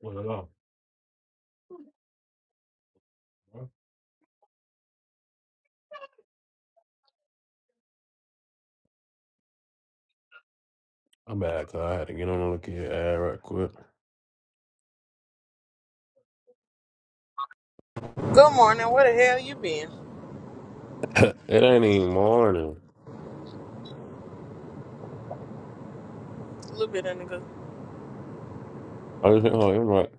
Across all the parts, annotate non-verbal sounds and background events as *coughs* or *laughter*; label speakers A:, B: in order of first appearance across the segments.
A: Well, no, I'm back. I had to get on and look at your ad right quick. *coughs*
B: Good morning. Where the hell you been?
A: *laughs* it ain't even morning.
B: A little bit in the good.
A: I just hit her It was like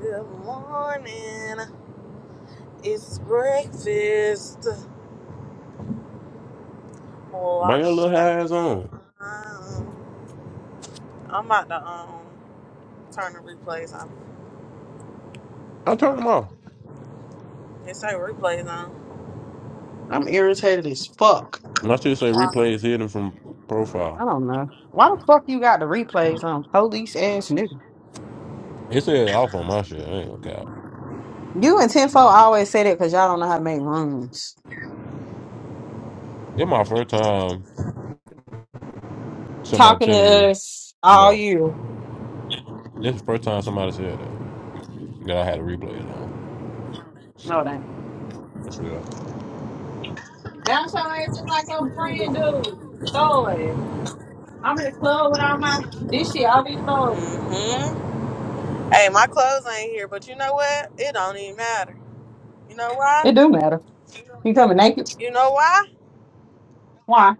B: Good morning. It's breakfast.
A: Bring your
B: Lost
A: little
B: track
A: ass on.
B: of time. I'm about to um turn the replays on.
A: I turned them off.
B: It say replays on.
C: I'm irritated as fuck.
A: My shit say replays hidden from profile.
C: I don't know. Why the fuck you got the replays on? Police ass nigga.
A: It said off on my shit. I ain't gonna count.
C: You and Tenfo always say that because y'all don't know how to make rooms.
A: It's my first time somebody
C: Talking
A: telling me,
C: to us all
A: no,
C: you.
A: this is the first time somebody said that, that I had a replays on.
C: No, that.
A: That's real.
C: Bounce your ass just like your friend do. Throw it. I'm in the club with all my this shit. I'll be loaded.
B: hmm Hey, my clothes ain't here, but you know what? It don't even matter. You know why?
C: It do matter. You coming naked?
B: You know why?
C: Why?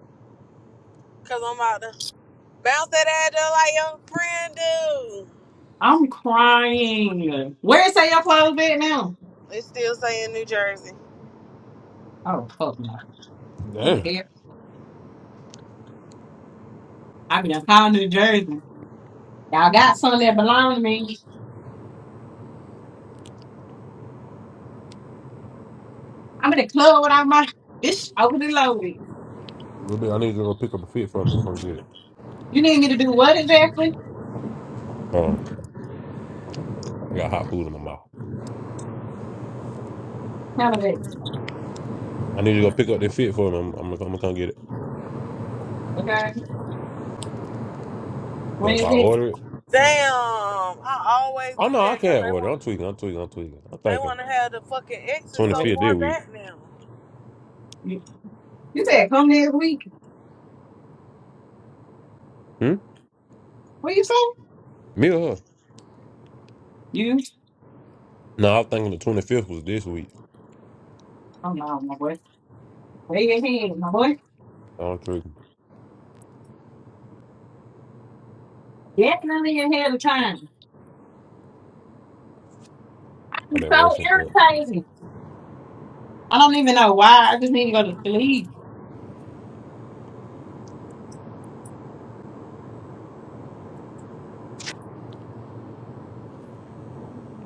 B: Cause I'm about to bounce that ad up like your friend do.
C: I'm crying. Where say your clothes at now?
B: It's still saying New Jersey.
C: Oh fuck no. What the
A: Damn.
C: hell? I be done calling New Jersey. Y'all got some that belong to me. I'm in the club without my bitch over the loaded.
A: Little bit. I need to go pick up a fit for me. I'm gonna get it.
C: You need me to do what exactly?
A: Um, I got hot food in my mouth.
C: None of it.
A: I need to go pick up the fit for me. I'm, I'm, gonna I'm gonna come get it.
C: Okay.
A: 'Cause
C: When
A: if
C: is
A: I
C: this?
A: order it,
B: Damn, I always
A: Oh
B: do
A: no,
B: that
A: I
B: cause
A: can't
B: they
A: order.
B: want.
A: I'm tweaking. I'm tweaking. I'm tweaking. I'm
B: They
A: thinking
B: want to have the fucking exit
A: twenty
C: No,
B: so
C: it.
A: fifth this
B: far
A: week.
B: back now.
C: You, you said come next week.
A: Hmm?
C: What you say?
A: Me or her?
C: You?
A: No, I am thinking the twenty fifth was this week.
C: Oh no, my boy. Lay your head, my boy.
A: Oh, I'm tweaking.
C: Get none of your head of time.
A: I've
C: I'm
A: been
C: so
A: rushing for it.
C: irritated. I don't even know why. I just need to go to sleep.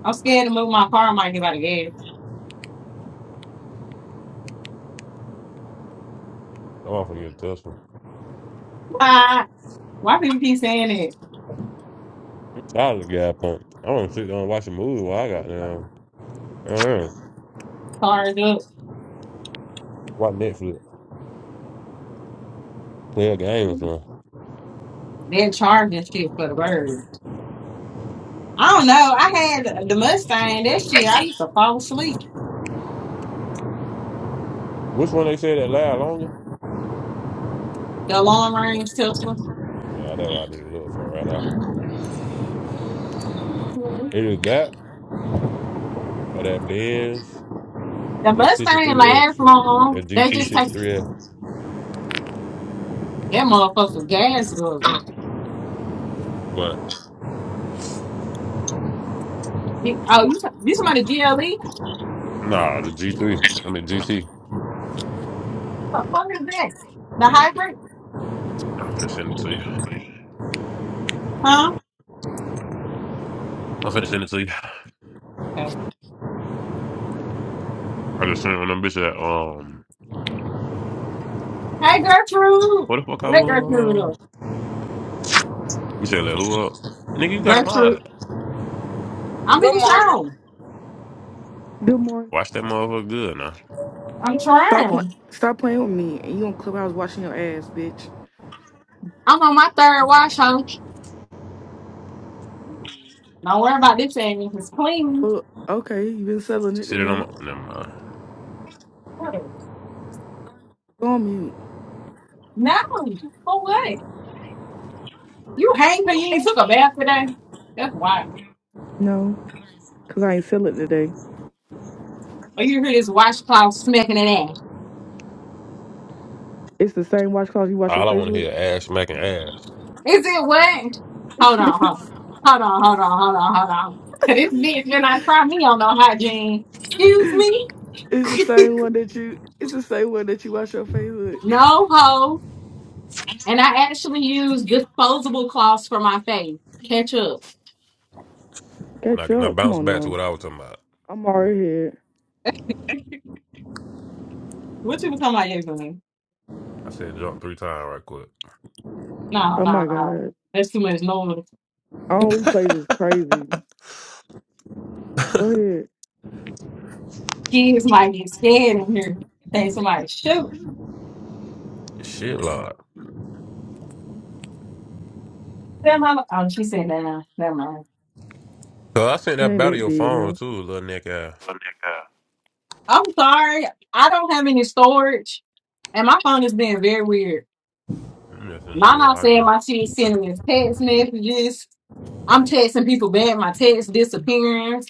C: I'm scared to move my car. I might get out of gas.
A: I'm off you a Tesla.
C: Why? Why people keep saying
A: Tired of the guy pumped. I want to sit down and watch a movie while I got
C: that?
A: down. I don't know.
C: Cars up.
A: Watch Netflix. Play a game or something.
C: They're charging shit for the birds. I don't know. I had the Mustang that shit. I used to fall asleep.
A: Which one they said that last longer?
C: The long range Tesla.
A: Yeah, that's what I need to look for right now.
C: Mhm.
A: Either that or that Benz,
C: The
A: that
C: Mustang
A: 63S,
C: lasts long.
A: that
C: They
A: GT
C: just take
A: 63S.
C: that motherfucker gas guzzle.
A: What?
C: You- Oh, you you somebody GLE?
A: Nah, the G3. I mean, GT.
C: What the fuck is that? The hybrid?
A: I'm going to send it to you.
C: Huh?
A: I'm finna send it to you.
C: Okay.
A: I just sent it on them bitch that um
C: Hey Gertrude,
A: what the fuck I
C: let Gertrude
A: was.
C: up.
A: You said let who up? Nigga, you got a mod.
C: Gertrude, I'm in
B: Good
C: the
B: morning.
C: shower.
D: Good morning.
A: Watch that motherfucker good now.
C: I'm
D: Stop playing.
C: trying.
D: Stop playing with me. And you on Clubhouse watching your ass, bitch.
C: I'm on my third wash, huh? Don't worry about this thing. It's clean.
D: Well, okay, you been selling it
A: Sit it on
D: today.
A: my never mind.
D: Go on mute.
C: No, for what? You hang for you ain't took a bath today? That's why.
D: No, cause I ain't sell it today.
C: Or you hear this washcloth smacking it ass.
D: It's the same washcloth you wash your
A: All I
D: face
A: wanna
D: with.
A: hear is ass smacking ass.
C: Is it what?
D: *laughs* it's
C: Hold on, hold on, hold on, hold on, hold on, hold on. *laughs* Cause This bitch been not try me on no hygiene. Excuse me? *laughs*
D: the same one that you. It's the same one that you wash your face with.
C: No ho. And I actually use disposable cloths for my face. Catch up.
A: Now,
D: Catch
A: now
D: up. Come
A: bounce
D: on
A: back to
D: now.
A: what I was talking about.
D: *laughs* I'm already here.
C: What you were talking about yesterday?
A: I said jump three times right quick.
C: No,
D: Oh
C: no,
D: my
C: no.
D: god.
C: That's too much noise.
D: All replays is crazy. Go ahead.
C: Kids might get scared in here. Think somebody shoot
A: Shit Lord.
C: them. I'm- Oh, she said that. Never mind.
A: So I sent
D: You
A: that
D: ain't
A: back to
D: that
A: your
D: big
A: phone
D: now.
A: too, little neck ass.
C: I'm sorry. I don't have any storage. And my phone is being very weird.
A: I'm just sending it to
C: My
A: you
C: mom
A: on
C: said
A: IG.
C: my shit sending us text messages. I'm texting people back. My text disappearance.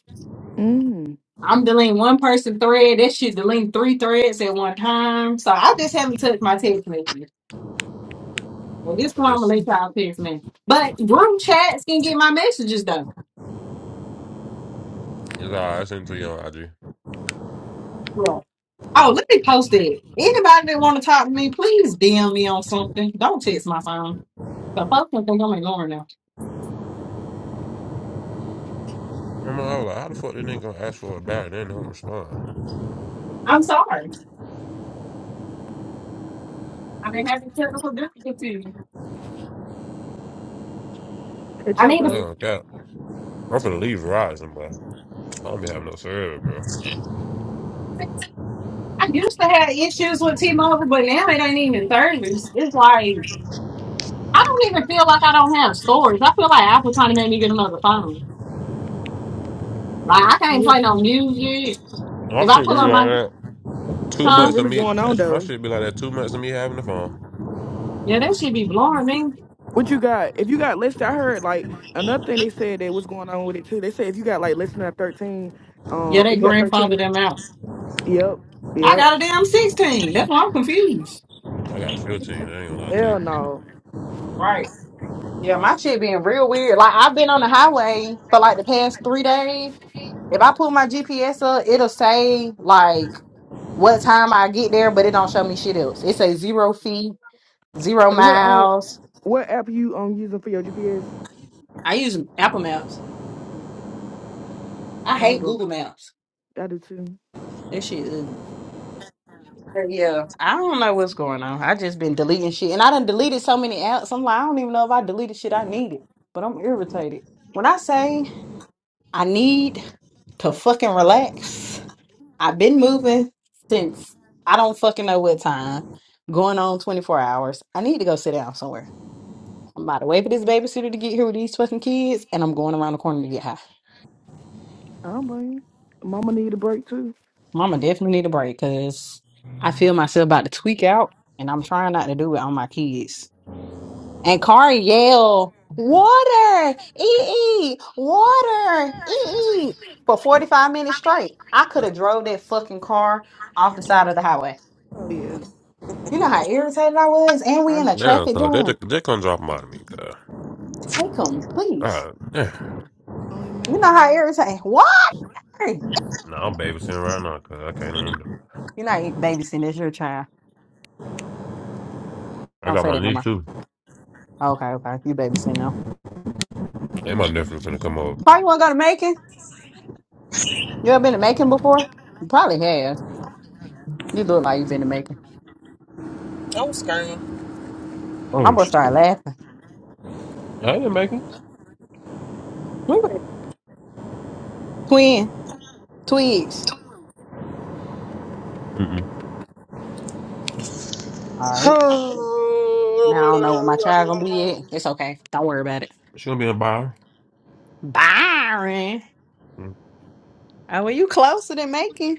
D: Mm.
C: I'm deleting one person thread. That shit deleting three threads at one time. So I just haven't touched my text messages. Well, this
A: But
C: one I'm
A: this
C: gonna let y'all text me. But group chats can get my messages though.
A: it's all right, I sent it to you on IG.
C: Yeah. Oh, let me post it. Anybody that want to talk to me, please DM me on something. Don't text my phone. So folks gonna think I'm ignoring them.
A: Remember, I was like, how the fuck they nigga gonna ask for a battery? They don't respond.
C: I'm sorry. I've been having technical difficulties.
D: Catch
C: I
D: up,
C: need
A: I
C: to.
D: ho.
A: don't cap. I'm finna leave Verizon, bro. I don't be having no service, bro.
C: I used to have issues with T-Mobile, but now it ain't even service. It's like I don't even feel like I don't have storage. I feel like Apple trying to make me get another phone. Like I can't
D: Yeah.
C: play no music.
A: My
C: If I
A: shit be
C: pull
D: This
A: like
C: up
D: was.
C: my
A: that. Two
D: That's what
C: huh,
A: months of
D: really
A: me.
D: going on
A: That's my
D: though.
A: shit be like that. Two months of me having the phone.
C: yeah, that should be blowing me.
D: What you got? If you got listed, I heard like another thing they said that was going on with it too. They said if you got like listener at thirteen,
C: Yeah,
D: uh, if
C: they
D: you got
C: grandfathered
D: thirteen,
C: them out.
D: yep,
C: I
D: yep,
C: got a damn sixteen. That's why I'm confused.
A: I got a 15. I ain't gonna lie to you.
D: hell no.
C: Right. Yeah, my shit being real weird. Like I've been on the highway for like the past three days. If I pull my GPS up, it'll say like what time I get there, but it don't show me shit else. It says zero feet, zero
D: And what um,
C: miles.
D: what app are you um using for your GPS?
C: I use Apple Maps.
D: Mm-hmm.
C: I
D: Mama
C: hate
D: do
C: Google Maps.
D: not I do too.
C: That shit ugly. But Yeah, I don't know what's going on. I just been deleting shit, and I done deleted so many apps. I'm like, I don't even know if I deleted shit I needed, but I'm irritated. When I say I need to fucking relax, I've been moving since I don't fucking know what time. Going on 24 hours. I need to go sit down somewhere. I'm about to wait for this babysitter to get here with these fucking kids, and I'm going around the corner to get high.
D: I don't blame you. Mama need a break too.
C: Mama definitely need a break because I feel myself about to tweak out, and I'm trying not to do it on my kids. And Kari yell, water, ee, water, ee, for 45 minutes straight. I could have drove that fucking car off the side of the highway.
D: Oh yeah,
C: You know how irritated I was? And
D: I
C: we
D: I
C: in a
A: Damn,
C: traffic
A: so they
C: jam.
A: just, they come drop them out of me, cuz.
C: Take them, please.
A: Uh,
D: only
C: You know how
D: imagine.
C: irritated. What? You're
A: no, I'm babysitting right now, cuz I can't even do it.
C: not babysitting. It's your child.
A: I
C: Don't
A: got
C: say
A: my
C: that no
A: niece
C: more.
A: too.
C: Okay, okay. You babysitting now.
A: And my nephew finna come over.
C: Probably want to go to Macon. You ever been to Macon before? You probably have. You look like you've been to Macon.
B: I'm screaming.
C: My
A: Oh,
C: boy started
A: shit.
C: laughing.
A: I didn't make it.
C: We were twin, twigs.
A: Mm-mm.
C: All
B: *sighs*
C: right. Now I don't know what my child gonna be yet. It's okay. Don't worry about it.
A: She gonna be in Byron.
C: Byron.
A: Mm.
C: Oh, well, you closer than Macon.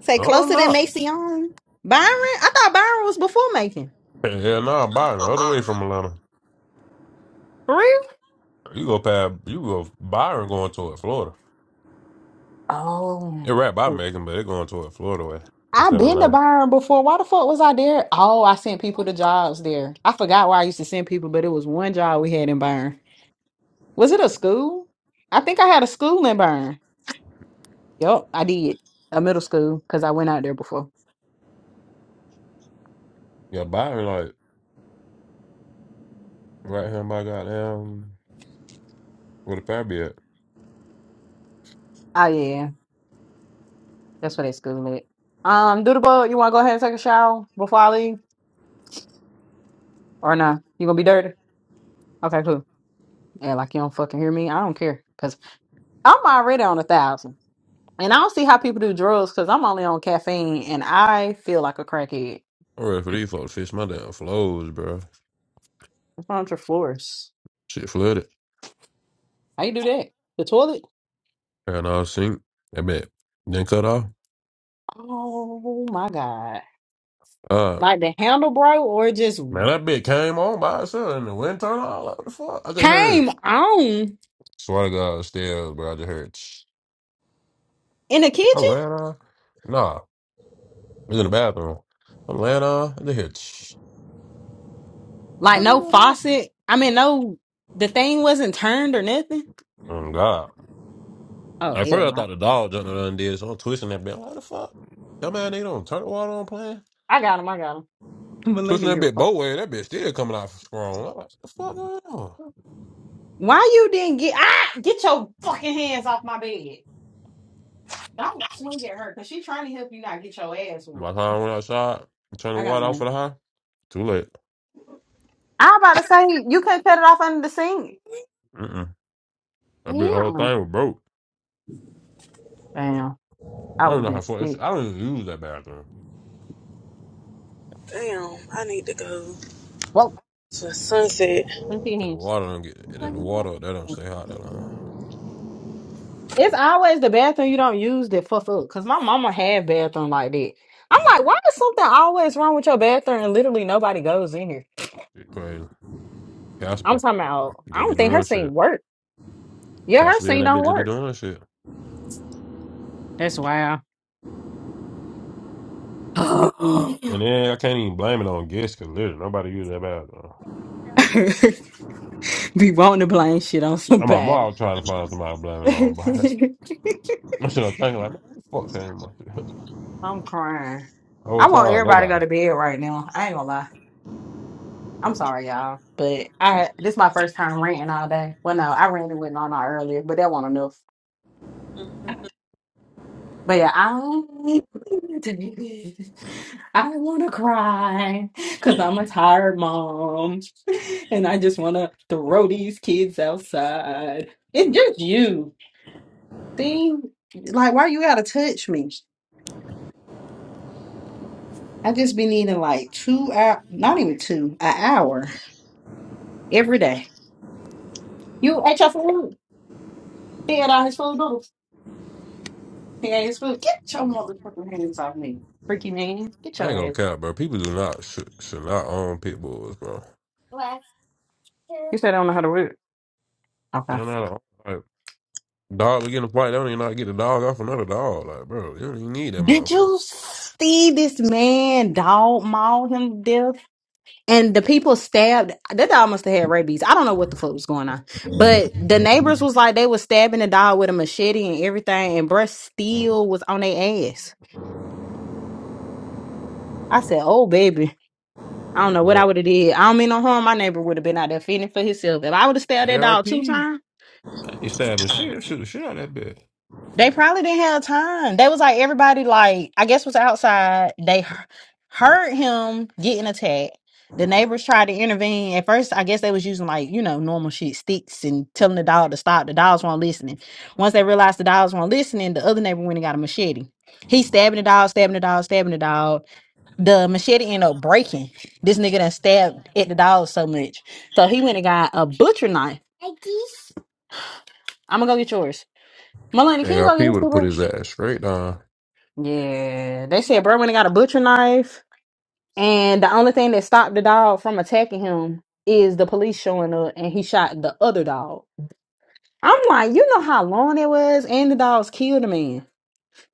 C: Say
A: No, I'm
C: closer than
A: not.
C: Mason. Byron? I thought Byron was before Macon.
A: Hell no, I'm Byron. The other way from Atlanta.
C: For real?
A: You go past, you go Byron going toward Florida.
C: Oh.
A: It right by Macon, but it going toward Florida way
C: i
A: instead of
C: been to
A: Atlanta.
C: Byron before. Why the fuck was I there? Oh, I sent people to jobs there. I forgot why I used to send people, but it was one job we had in Byron. Was it a school? I think I had a school in Byron. Yup, I did. A middle school, because I went out there before.
A: Yeah, Byron, like, right here in my goddamn, where the fire be at?
C: Oh yeah. That's where that school at. Um, Doodlebug, you wanna go ahead and take a shower before I leave? Or nah? You gonna be dirty? Okay, cool. Yeah, like you don't fucking hear me. I don't care. cause. I'm already on a thousand, and I don't see how people do drugs because I'm only on caffeine, and I feel like a crackhead.
A: I'm ready for these folks to fix my damn flows, bro.
C: What's wrong with your floors?
A: Shit flooded.
C: How you do that? The toilet?
A: And I sink. That bit then cut off.
C: Oh my god!
A: Uh,
C: Like the handle broke, or it just
A: man, that bit came on by itself and the wind turned on. Like, what the fuck? I just heard.
C: came on
A: Swear to God, still, bro. I just heard. Shh.
C: in the
A: I ran
C: kitchen?
A: on. Nah, it was in the bathroom. I'm laying on. I just heard. Shh.
C: Like
A: Fucking
C: no
A: going on.
C: faucet? I mean, no, the thing wasn't turned or nothing.
A: Oh, God.
C: Oh
A: At
C: hell
A: first, I
C: no!
A: thought the dog jumped out and did, so I'm twisting that bit. Like, what the fuck? That man, they don't turn the water on playing.
C: I got him. I got him. *laughs*
A: Twisting
C: Melania
A: that
C: here.
A: bitch
C: fuck.
A: both ways, that bitch still coming out strong. I'm like, the fuck going on?
C: *laughs* Why you didn't get? Ah, get your fucking hands off my bed! Don't swing at her because she's trying to help you not get your ass
A: By
C: whooped.
A: the time I went outside, and turned the
C: I got
A: water off for
C: one.
A: the high, too late.
C: I'm about to say you could not cut it off under the sink.
A: Mm-mm. That big whole
C: Yeah.
A: thing was broke.
C: Damn. I
A: I
C: would
A: don't
C: have
A: know how
C: been
A: far. it's-
C: sick.
A: I don't even use that bathroom.
B: Damn, I need to go
C: Whoa.
B: to Sunset.
C: Let me see your
A: Cause the
C: hands.
A: water don't get, the the water, that don't stay hot that long.
C: It's always the bathroom you don't use that fuck up. Cause my mama had bathroom like that. I'm like, why is something always wrong with your bathroom and literally nobody goes in here?
A: Shit crazy.
C: I'm
A: Casper,
C: talking about. I
A: just
C: don't
A: be
C: think her
A: doing
C: scene
A: shit.
C: work. Yeah, her
A: Casper and
C: scene
A: that bitch
C: don't
A: just be
C: work.
A: doing shit.
C: That's wild. *gasps* I-
A: And then I can't even blame it on guests, cause literally nobody used that bathroom.
C: Be wanting to blame shit on
A: And my
C: somebody.
A: mom trying to find somebody to blame it on,
C: *laughs*
A: but *laughs* I should have thinking like, man, what the fuck came in my shit?
C: I'm crying.
A: *laughs* whole
C: I want
A: time,
C: everybody to
A: nobody.
C: go to bed right now. I ain't gonna lie. I'm sorry, y'all. But I this my first time ranting all day. Well no, I ranted with Nana earlier, but that wasn't enough. But yeah, I *laughs* I wanna cry because I'm a tired mom *laughs* and I just wanna throw these kids outside. It's just you. See? Like why you gotta touch me? I just be needing like two hour, not even two, an hour every day. You ate your food. He had all his food noodles. He ate his food. Get your motherfucking hands off me, freaky man. Get
A: I ain't
C: your
A: gonna
C: ass off.
A: cap, bro. People do not should, should not own pit bulls, bro.
C: You said I don't know how to read. Okay.
A: They're not a, like dog begin to fight. They don't even know how to get the dog off another dog, like bro. You don't even need that
C: Did you
A: motherfucker.
C: see this man dog maul him to death? And the people stabbed. That dog must have had rabies. I don't know what the fuck was going on. But the neighbors was like, they was stabbing the dog with a machete and everything, and breast steel was on their ass. I said, "Oh baby, I don't know
A: You know
C: what I would have did. I don't mean no harm. My neighbor would have been out there feeding for himself. If I would have stabbed that dog
A: ARP.
C: two times,
A: I ain't stabbing shit. Shoot the shit out of that bitch.
C: they probably didn't have time. They was like everybody, like I guess was outside. They h- heard him getting attacked. The neighbors tried to intervene. At first, I guess they was using like you know normal shit, sticks, and telling the dog to stop. The dogs weren't listening. Once they realized the dogs weren't listening, the other neighbor went and got a machete. He's stabbing the dog, stabbing the dog, stabbing the dog. the machete ended up breaking. This nigga done stabbed at the dog so much. So he went and got a butcher knife. I'm gonna go get yours. Melanie, can you go
A: ARP
C: get his
A: would have put
C: paper?
A: his ass straight down.
C: Yeah. They said bro went and got a butcher knife. And the only thing that stopped the dog from attacking him is the police showing up and he shot the other dog. I'm like, you know how long it was? And the dogs killed a man.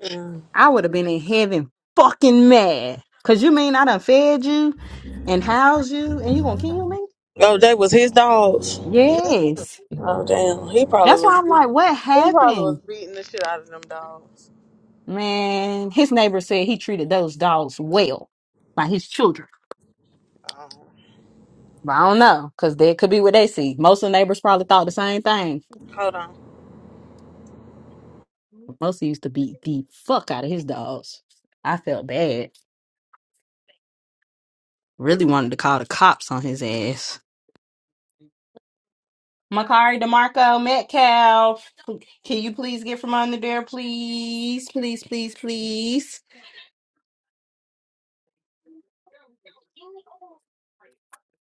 B: Mm.
C: I would have been in heaven fucking mad. Cause you mean I done fed you and housed you and you gonna kill me?
B: Oh, they was his dogs.
C: Yes.
B: Oh, damn. He probably
C: That's why
B: was.
C: I'm
B: He
C: like, what
B: probably was
C: happened?
B: beating the shit out of them dogs.
C: Man, his neighbor said he treated those dogs well Like his children.
B: Um,
C: But I don't know, because that could be what they see. Most of the neighbors probably thought the same thing.
B: hold on.
C: Most used to beat the fuck out of his dogs. I felt bad. Really wanted to call the cops on his ass. Makari DeMarco Metcalf, can you please get from under there, please? Please, please, please.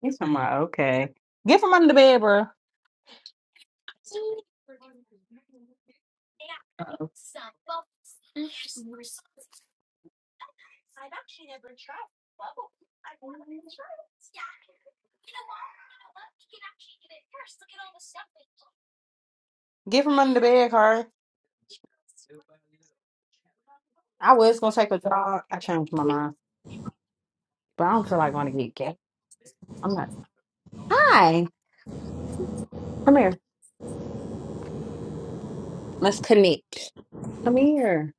C: He's from my okay. Get from under the bed, bro. Uh-oh. I've actually never tried bubble. I want to try it. Yeah. You know what? You know what? You can actually Get it first. Look at all the stuff they do. Get from under the bed, Carl. I was gonna take a jog. I changed my mind, but I don't feel like going to get gay. I'm not. Hi, come here. Let's connect. Come here.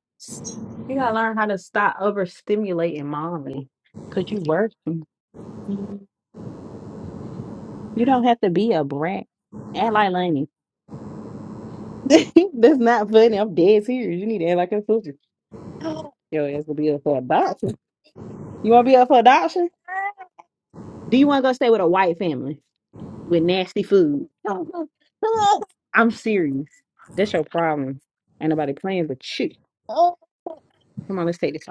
C: You gotta learn how to stop overstimulating mommy. Cause you working. You don't have to be a brat. Act like Lenny. *laughs* That's not funny. I'm dead serious. You need to act like a sister. *gasps* Your ass will be up for adoption. You want to be up for adoption? Do you want to go stay with a white family with nasty food? *laughs* I'm serious. That's your problem. Ain't nobody playing but you. Come on, let's take this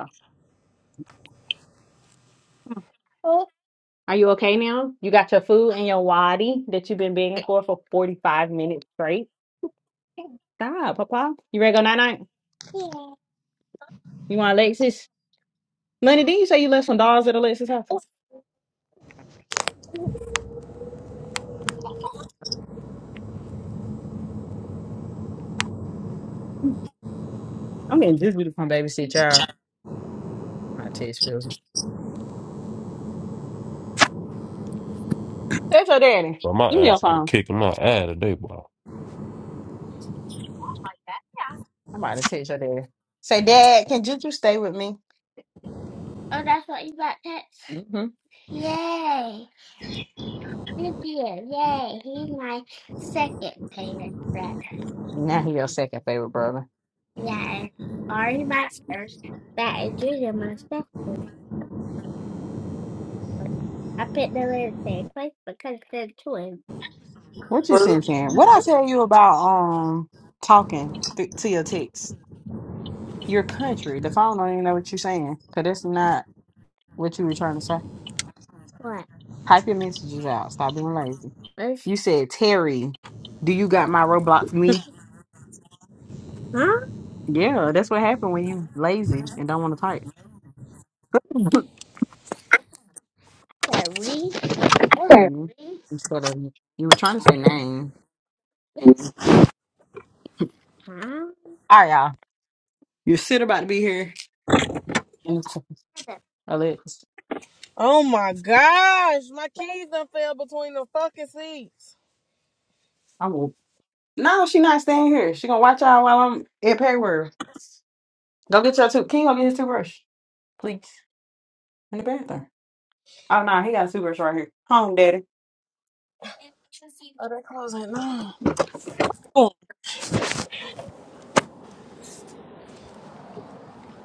C: off. Are you okay now? You got your food and your wadi that you've been begging for for 45 minutes straight? Stop, Papa. You ready to go night night? You want Alexis? Lenny, didn't you say you left some dogs at Alexis' house? I'm getting this beautiful come babysit y'all. I'm about to text Phillips. Text your daddy.
A: But my
C: Give me
A: ass
C: your
A: is gonna
C: phone.
A: kick him out ass today, boy.
C: I'm about to text your daddy. Say, Dad, can Juju stay with me? mm hmm Now he your second favorite brother. What you saying, Sharon? What I tell you about um talking th- to your text? Your country. The phone don't even know what you're saying. Cause that's not what you were trying to say. Type your messages out. Stop being lazy. Hey. You said, Terry, do you got my Roblox me? Huh? Yeah, that's what happened when you lazy and don't want to type. *laughs* Terry? Mhm. Instead of you were trying to say name. Huh? All right, y'all. Your sit about to be here. And it's- Alex,
B: Oh my gosh, my keys
C: I
B: done fell between the fucking seats.
C: will. No, she not staying here. She gonna watch y'all while I'm at Perry World. Go get your tooth. Can you go get his toothbrush, please? In the bathroom. Oh no, he got a toothbrush right here. Home, daddy.
B: Are they closing? No.
C: Oh.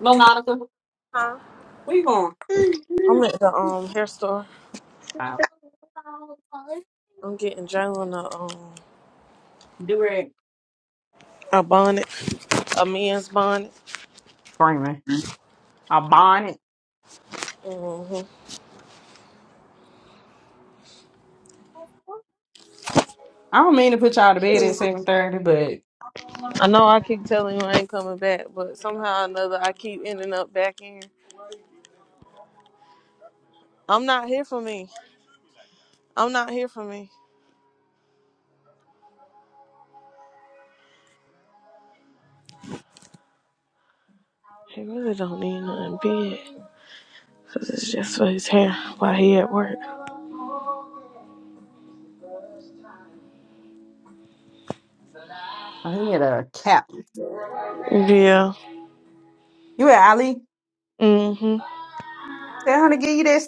C: No, no.
B: Huh?
C: We going
B: I'm at the um hair store.
C: out.
B: I'm getting Jalen a um
C: Do it.
B: a bonnet, a man's bonnet.
C: Screaming. A bonnet.
B: hmm
C: I don't mean to put y'all to bed at seven thirty, but
B: I know I keep telling you I ain't coming back, but somehow or another I keep ending up back in. I'm not here for me. I'm not here for me. He really don't need nothing big, cause it's just for his hair while he at work.
C: I need a cap.
B: Yeah.
C: You and Ali.
B: hmm
C: Tell her to give you that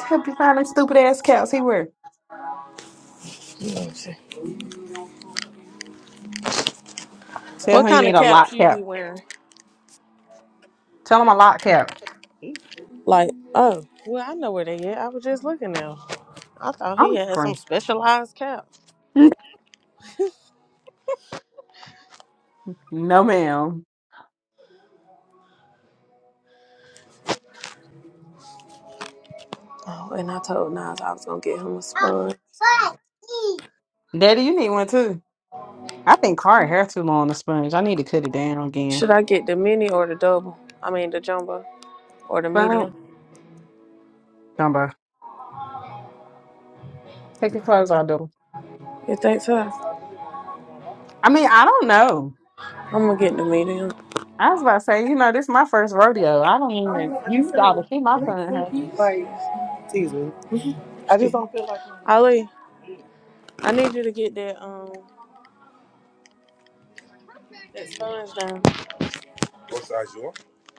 C: stupid, that stupid ass caps he wear. Tell
B: What
C: her you
B: kind
C: need
B: of
C: a
B: caps
C: lock
B: you be
C: cap.
B: wearing?
C: Tell him a lock cap.
B: Like, oh, well, I know where they at. I was just looking now. I thought he
C: I'm
B: had some
C: screaming.
B: specialized cap.
C: No, ma'am.
B: Oh, and I told Nas I was gonna get him a sponge.
C: Daddy, you need one too. I think Cara hair too long on the sponge. I need to cut it down
B: Should
C: again.
B: I get the mini or the double? I mean the jumbo or the
C: But
B: medium?
C: Jumbo, take your clothes off, though.
B: You think so?
C: I mean, I don't know.
B: I'm gonna get the medium.
C: I was about to say, you know, this is my first rodeo. I don't even.
B: I just
C: You
B: say,
C: got to see
B: it
C: my
B: ain't
C: son
B: so
C: has.
B: cute. Like I just don't feel like it. Ali, I need you to get that um that sponge down,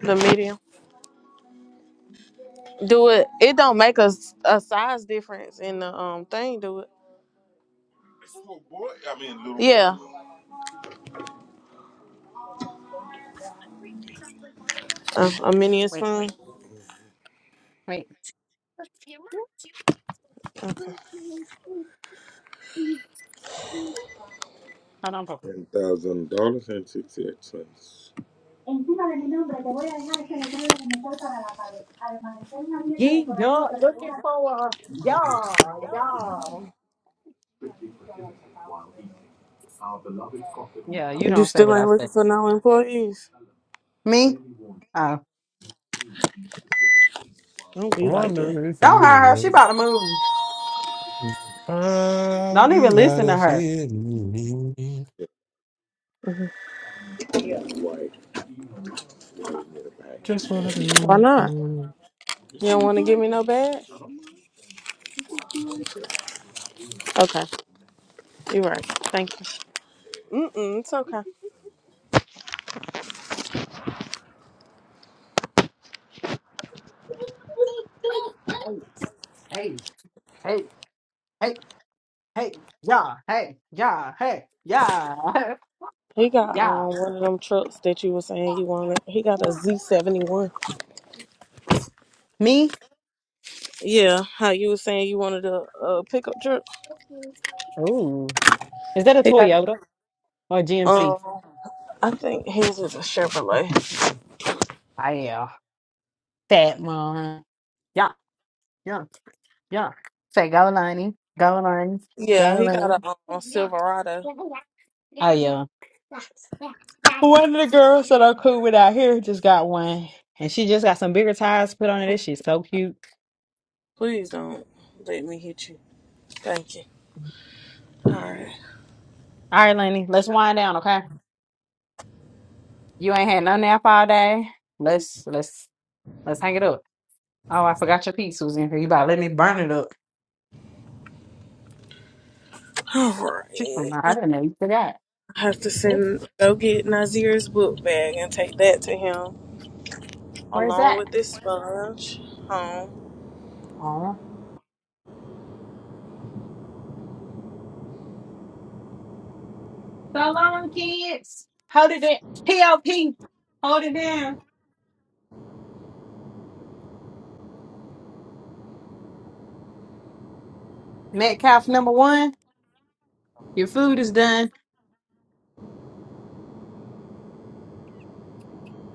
B: the medium. Do it. It don't make a, s- a size difference in the um thing. Do it. Oh, boy, I mean little. Yeah, a, a mini
C: Wait,
B: spoon.
C: wait, hold on, Papa. Ye not looking for a y'all, y'all. Yeah, you
B: You
C: don't say
B: still
C: what I
B: ain't looking
C: say.
B: for no employees.
C: Me? Oh,
B: Don't
A: I
B: be like that.
A: wonder if you
C: don't hire her. She
A: remember.
C: about to move.
A: Ah,
C: Don't even
A: you got
C: listen
A: a
C: to her.
A: feeling. Just wanna
B: Why
A: do.
B: not?
A: do.
B: You don't want to give me no bag? Okay, you're right. Thank you. Mm-mm, it's okay.
C: Hey, hey, hey, hey. Hey, yeah, hey, yeah, hey, yeah, *laughs*
B: He got
C: yeah.
B: um one of them trucks that you were saying he wanted. He got a Z seventy one.
C: Me?
B: Yeah, how you were saying you wanted a, a pickup truck.
C: Ooh. Is that a
B: He got
C: Toyota or a GMC?
B: um, I think his is a Chevrolet.
C: I yeah, Fat mom. yeah, yeah, yeah. Say go Lonnie, go Lonnie,
B: Yeah,
C: go
B: he got
C: Lonnie.
B: a um, Silverado.
C: Oh yeah. *laughs* One of the girls that are cool with out here just got one. And she just got some bigger tires put on it. This shit's so cute.
B: Please don't let me hit you. Thank you. All right,
C: All right, Lenny, let's wind down, okay? You ain't had nothing out all day. Let's let's let's hang it up. Oh, I forgot your piece was in here. You about to let me burn it up.
B: all right.
C: Chicken, I didn't know you did that.
B: I have to
C: What?
B: send go get Nazir's book bag and take that to him.
C: Where's
B: along
C: that?
B: with this sponge home.
C: Oh, So long, kids. Hold it down. P.O.P. Hold it down. Metcalf number one, your food is done.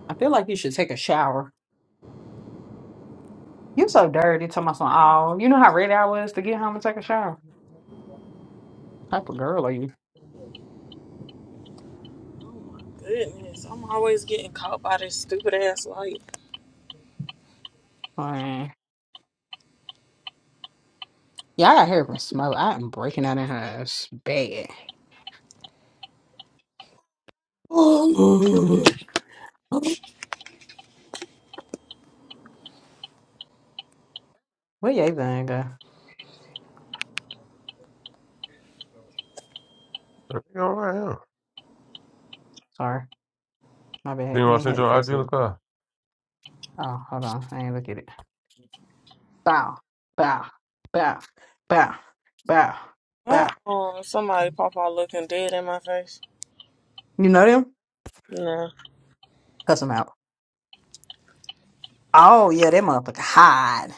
C: I feel like you should take a shower. You so dirty, talking about some oh, you know how ready I was to get home and take a shower. Type of girl are you?
B: Goodness, I'm always getting caught by this stupid ass light.
C: Man. Yeah, I got hair from smoke. I am breaking out in her ass bad. *gasps* Where your thing go?
A: I think all right, yeah.
C: Sorry, my bad.
A: Then I
C: You ain't
A: sent
C: had
A: you
C: to
A: an
C: fix it.
A: ideal car.
C: Oh, hold on, I ain't look at it. bow, bow, bow, bow, bow,
B: Uh
C: bow.
B: oh, somebody pop out looking dead in my face.
C: You know them?
B: Nah.
C: Cuss them out. Oh yeah, that motherfucker hide.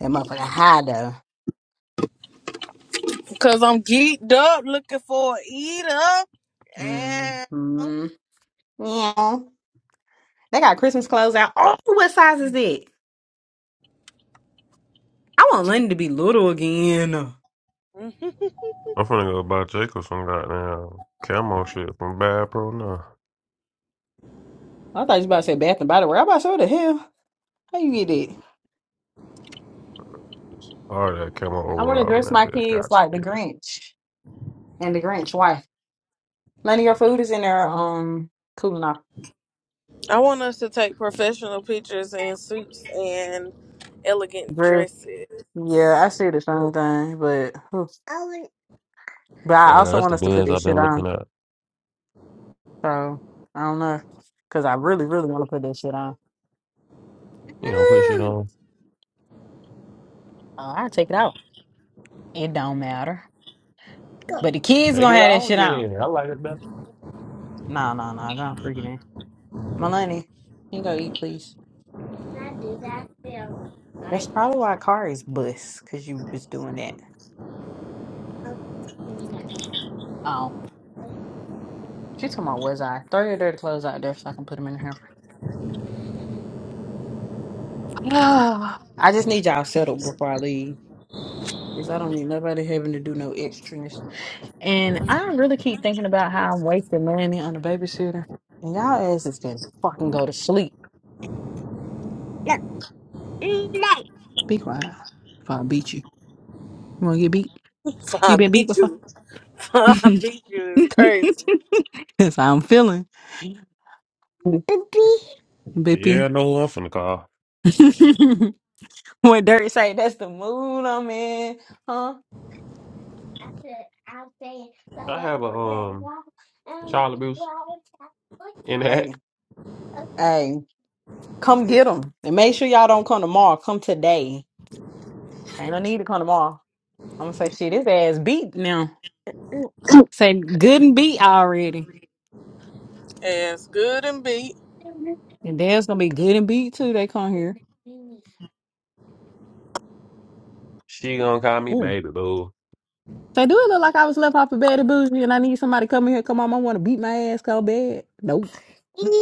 C: That motherfucker hide though.
B: Because I'm geeked up looking for a eat up. And *laughs*
C: Mm-hmm. Yeah. They got Christmas clothes out. Oh, what size is that? I want London to be little again.
B: Mhm.
A: I'm finna go buy Jacob some goddamn camo shit from Bad Pro now.
C: I thought you about to say Bath and Body Works. i about to say, what the hell? How you get it?
A: It's All that camo
C: I want to
A: overall and
C: dress
A: that
C: my
A: bit
C: kids
A: got
C: like the
A: spirit.
C: Grinch and the Grinch wife. None of your food is in there. Um, cooling off.
B: I want us to take professional pictures in suits and elegant
C: Dress.
B: dresses.
C: Yeah,
B: *laughs*
C: I see the same thing, but. But I
A: Oh yeah,
C: also
A: that's
C: want
A: the
C: us to put
A: bins
C: this
A: I've
C: shit
A: been
C: on.
A: looking at.
C: So I don't know. Cause I really, really want to put this shit on.
A: You know, put shit
C: Oh,
A: on.
C: I'll take it out. It don't matter. But the kids
A: Take
C: gonna
A: it
C: have that
A: out
C: shit on.
A: then. I like it better.
C: No, no, no. Don't freak it, man. Melanie, can you go eat, please? That's probably why Kari's bus, cause you was doing that. Oh, she talking about was I? Throw your dirty clothes out there so I can put them in the hamper. *sighs* I just need y'all settled before I leave. Cause I don't need nobody having to do no extras. And I don't really keep thinking about how I'm wasting money on a babysitter. And y'all asses can fucking go to sleep. Be quiet. If I beat you. You wanna get beat? You
B: I
C: been beat
B: beat
C: before?
B: you. I
C: *laughs*
B: beat you is crazy.
C: That's how I'm feeling. Bippy. Bippy.
A: Yeah, no who I'm finna call.
C: *laughs* when Dirt say that's the mood I'm in, huh?
A: I have a um Charlotte Bruce in the
C: Hey,
A: hack.
C: hey, come get them and make sure y'all don't come tomorrow. Come today. Ain't no need to come tomorrow. I'm gonna say shit. His ass beat now. Say good and beat already,
B: As good and beat.
C: and Dad's gonna be good and beat too. They come here.
A: She gonna call me
C: Ooh.
A: baby boo.
C: Say, do it look like I was left off of bed at bougie, and I need somebody to come in here? Come on, I want to beat my ass so bad. Nope.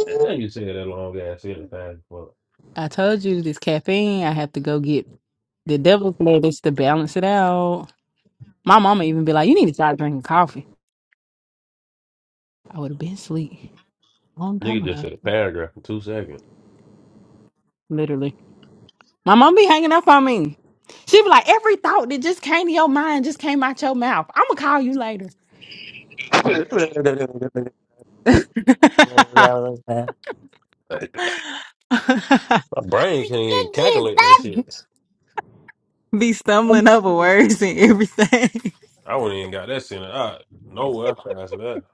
C: Mm.
A: Damn, you said that long ass sentence fast as fuck.
C: I told you this caffeine. I have to go get the devil's lettuce to balance it out. My mama even be like, "You need to start drinking coffee." I would have been asleep a long time
A: Nigga just said
C: ago,
A: a paragraph in two seconds.
C: literally. My mom be hanging up on me. She be like, every thought that just came to your mind just came out your mouth. I'm gonna call you later.
A: Yeah, they-
C: *laughs*
A: My brain can't even calculate that shit.
C: be stumbling over words and everything. *laughs*
A: I wouldn't even got that shit. I nowhere fast as that.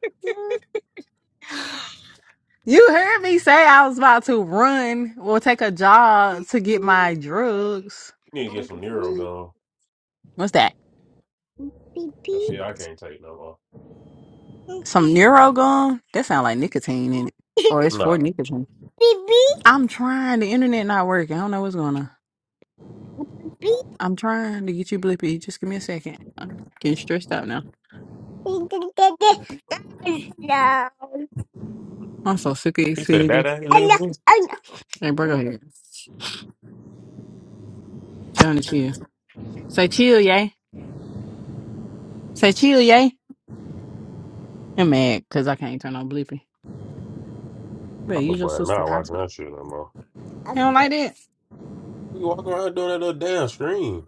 C: You heard me say I was about to run or take a jog to get my drugs.
A: You need to get some neuro gone.
C: What's that?
A: That shit I can't take no more.
C: Some neuro gum? That sound like nicotine in it. Or it's for
A: Nah.
C: nicotine. I'm trying. The internet not working. I don't know what's going on. I'm trying to get you blippy. Just give me a second. I'm getting stressed out now. I'm so sick of
A: He said
C: Xfinity.
A: "Dada, ain't looking for me.
C: Hey, bro, go ahead. Trying to chill. Say chill, yay. Say chill, yay. I'm mad because I can't turn on blippy. But
A: My little
C: use your
A: boy
C: sister
A: not watching
C: hospital.
A: that shit no more.
C: You don't like that?
A: We walk around doing that little damn screen.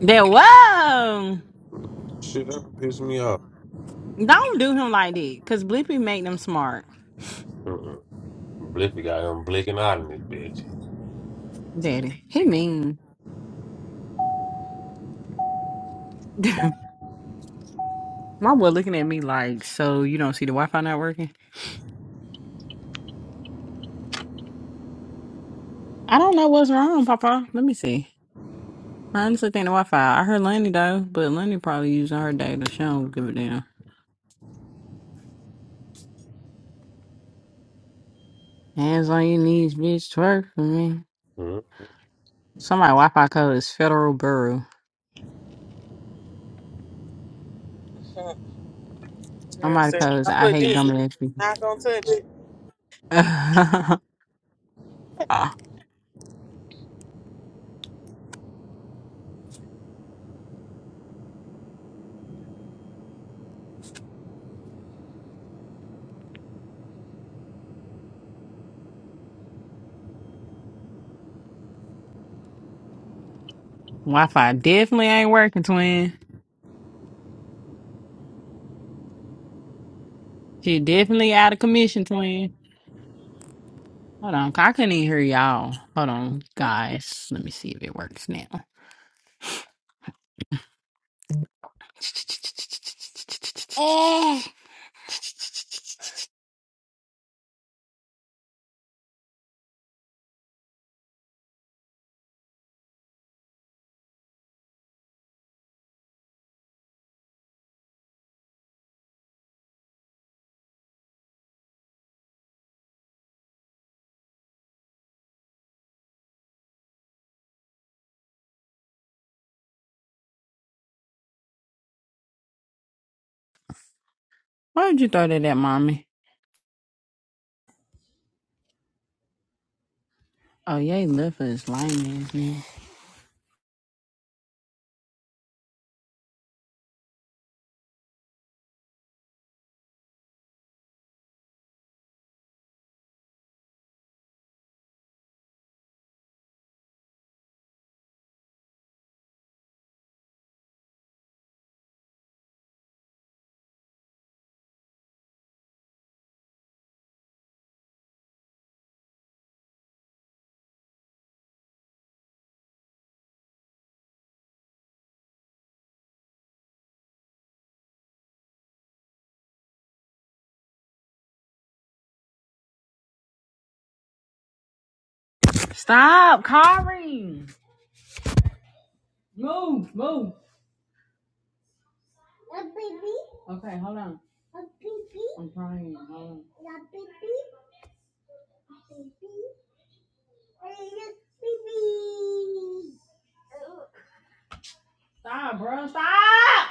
C: That whoa.
A: Shit that pissed me off.
C: Don't do him like that. Cause blippy make them smart.
A: Mm-mm. Blippy got him blinking out in this bitch.
C: Daddy. He mean. *laughs* My boy looking at me like, so you don't see the Wi Fi not working? I don't know what's wrong, Papa. Let me see. I honestly think the Wi Fi. I heard Lenny though, but Lenny probably using her data. She don't give a damn. Hands on your knees, bitch. Twerk for me. Somebody Wi Fi code is Federal Bureau.
B: *laughs* Yes,
C: Somebody
B: if
C: code is
B: I
C: I
B: put
C: hate
B: this, niggas is
C: Dominic people.
B: not gonna touch it.
C: *laughs* Wi Fi definitely ain't working, twin. She definitely out of commission, twin. Hold on, I couldn't even hear y'all. Hold on, guys. Let me see if it works now. Why'd you throw that at mommy? Oh, yeah, he left for his lame ass man. Stop, Kari. Move, move. Okay, hold on. I'm crying. Hold on. Stop, bro. Stop.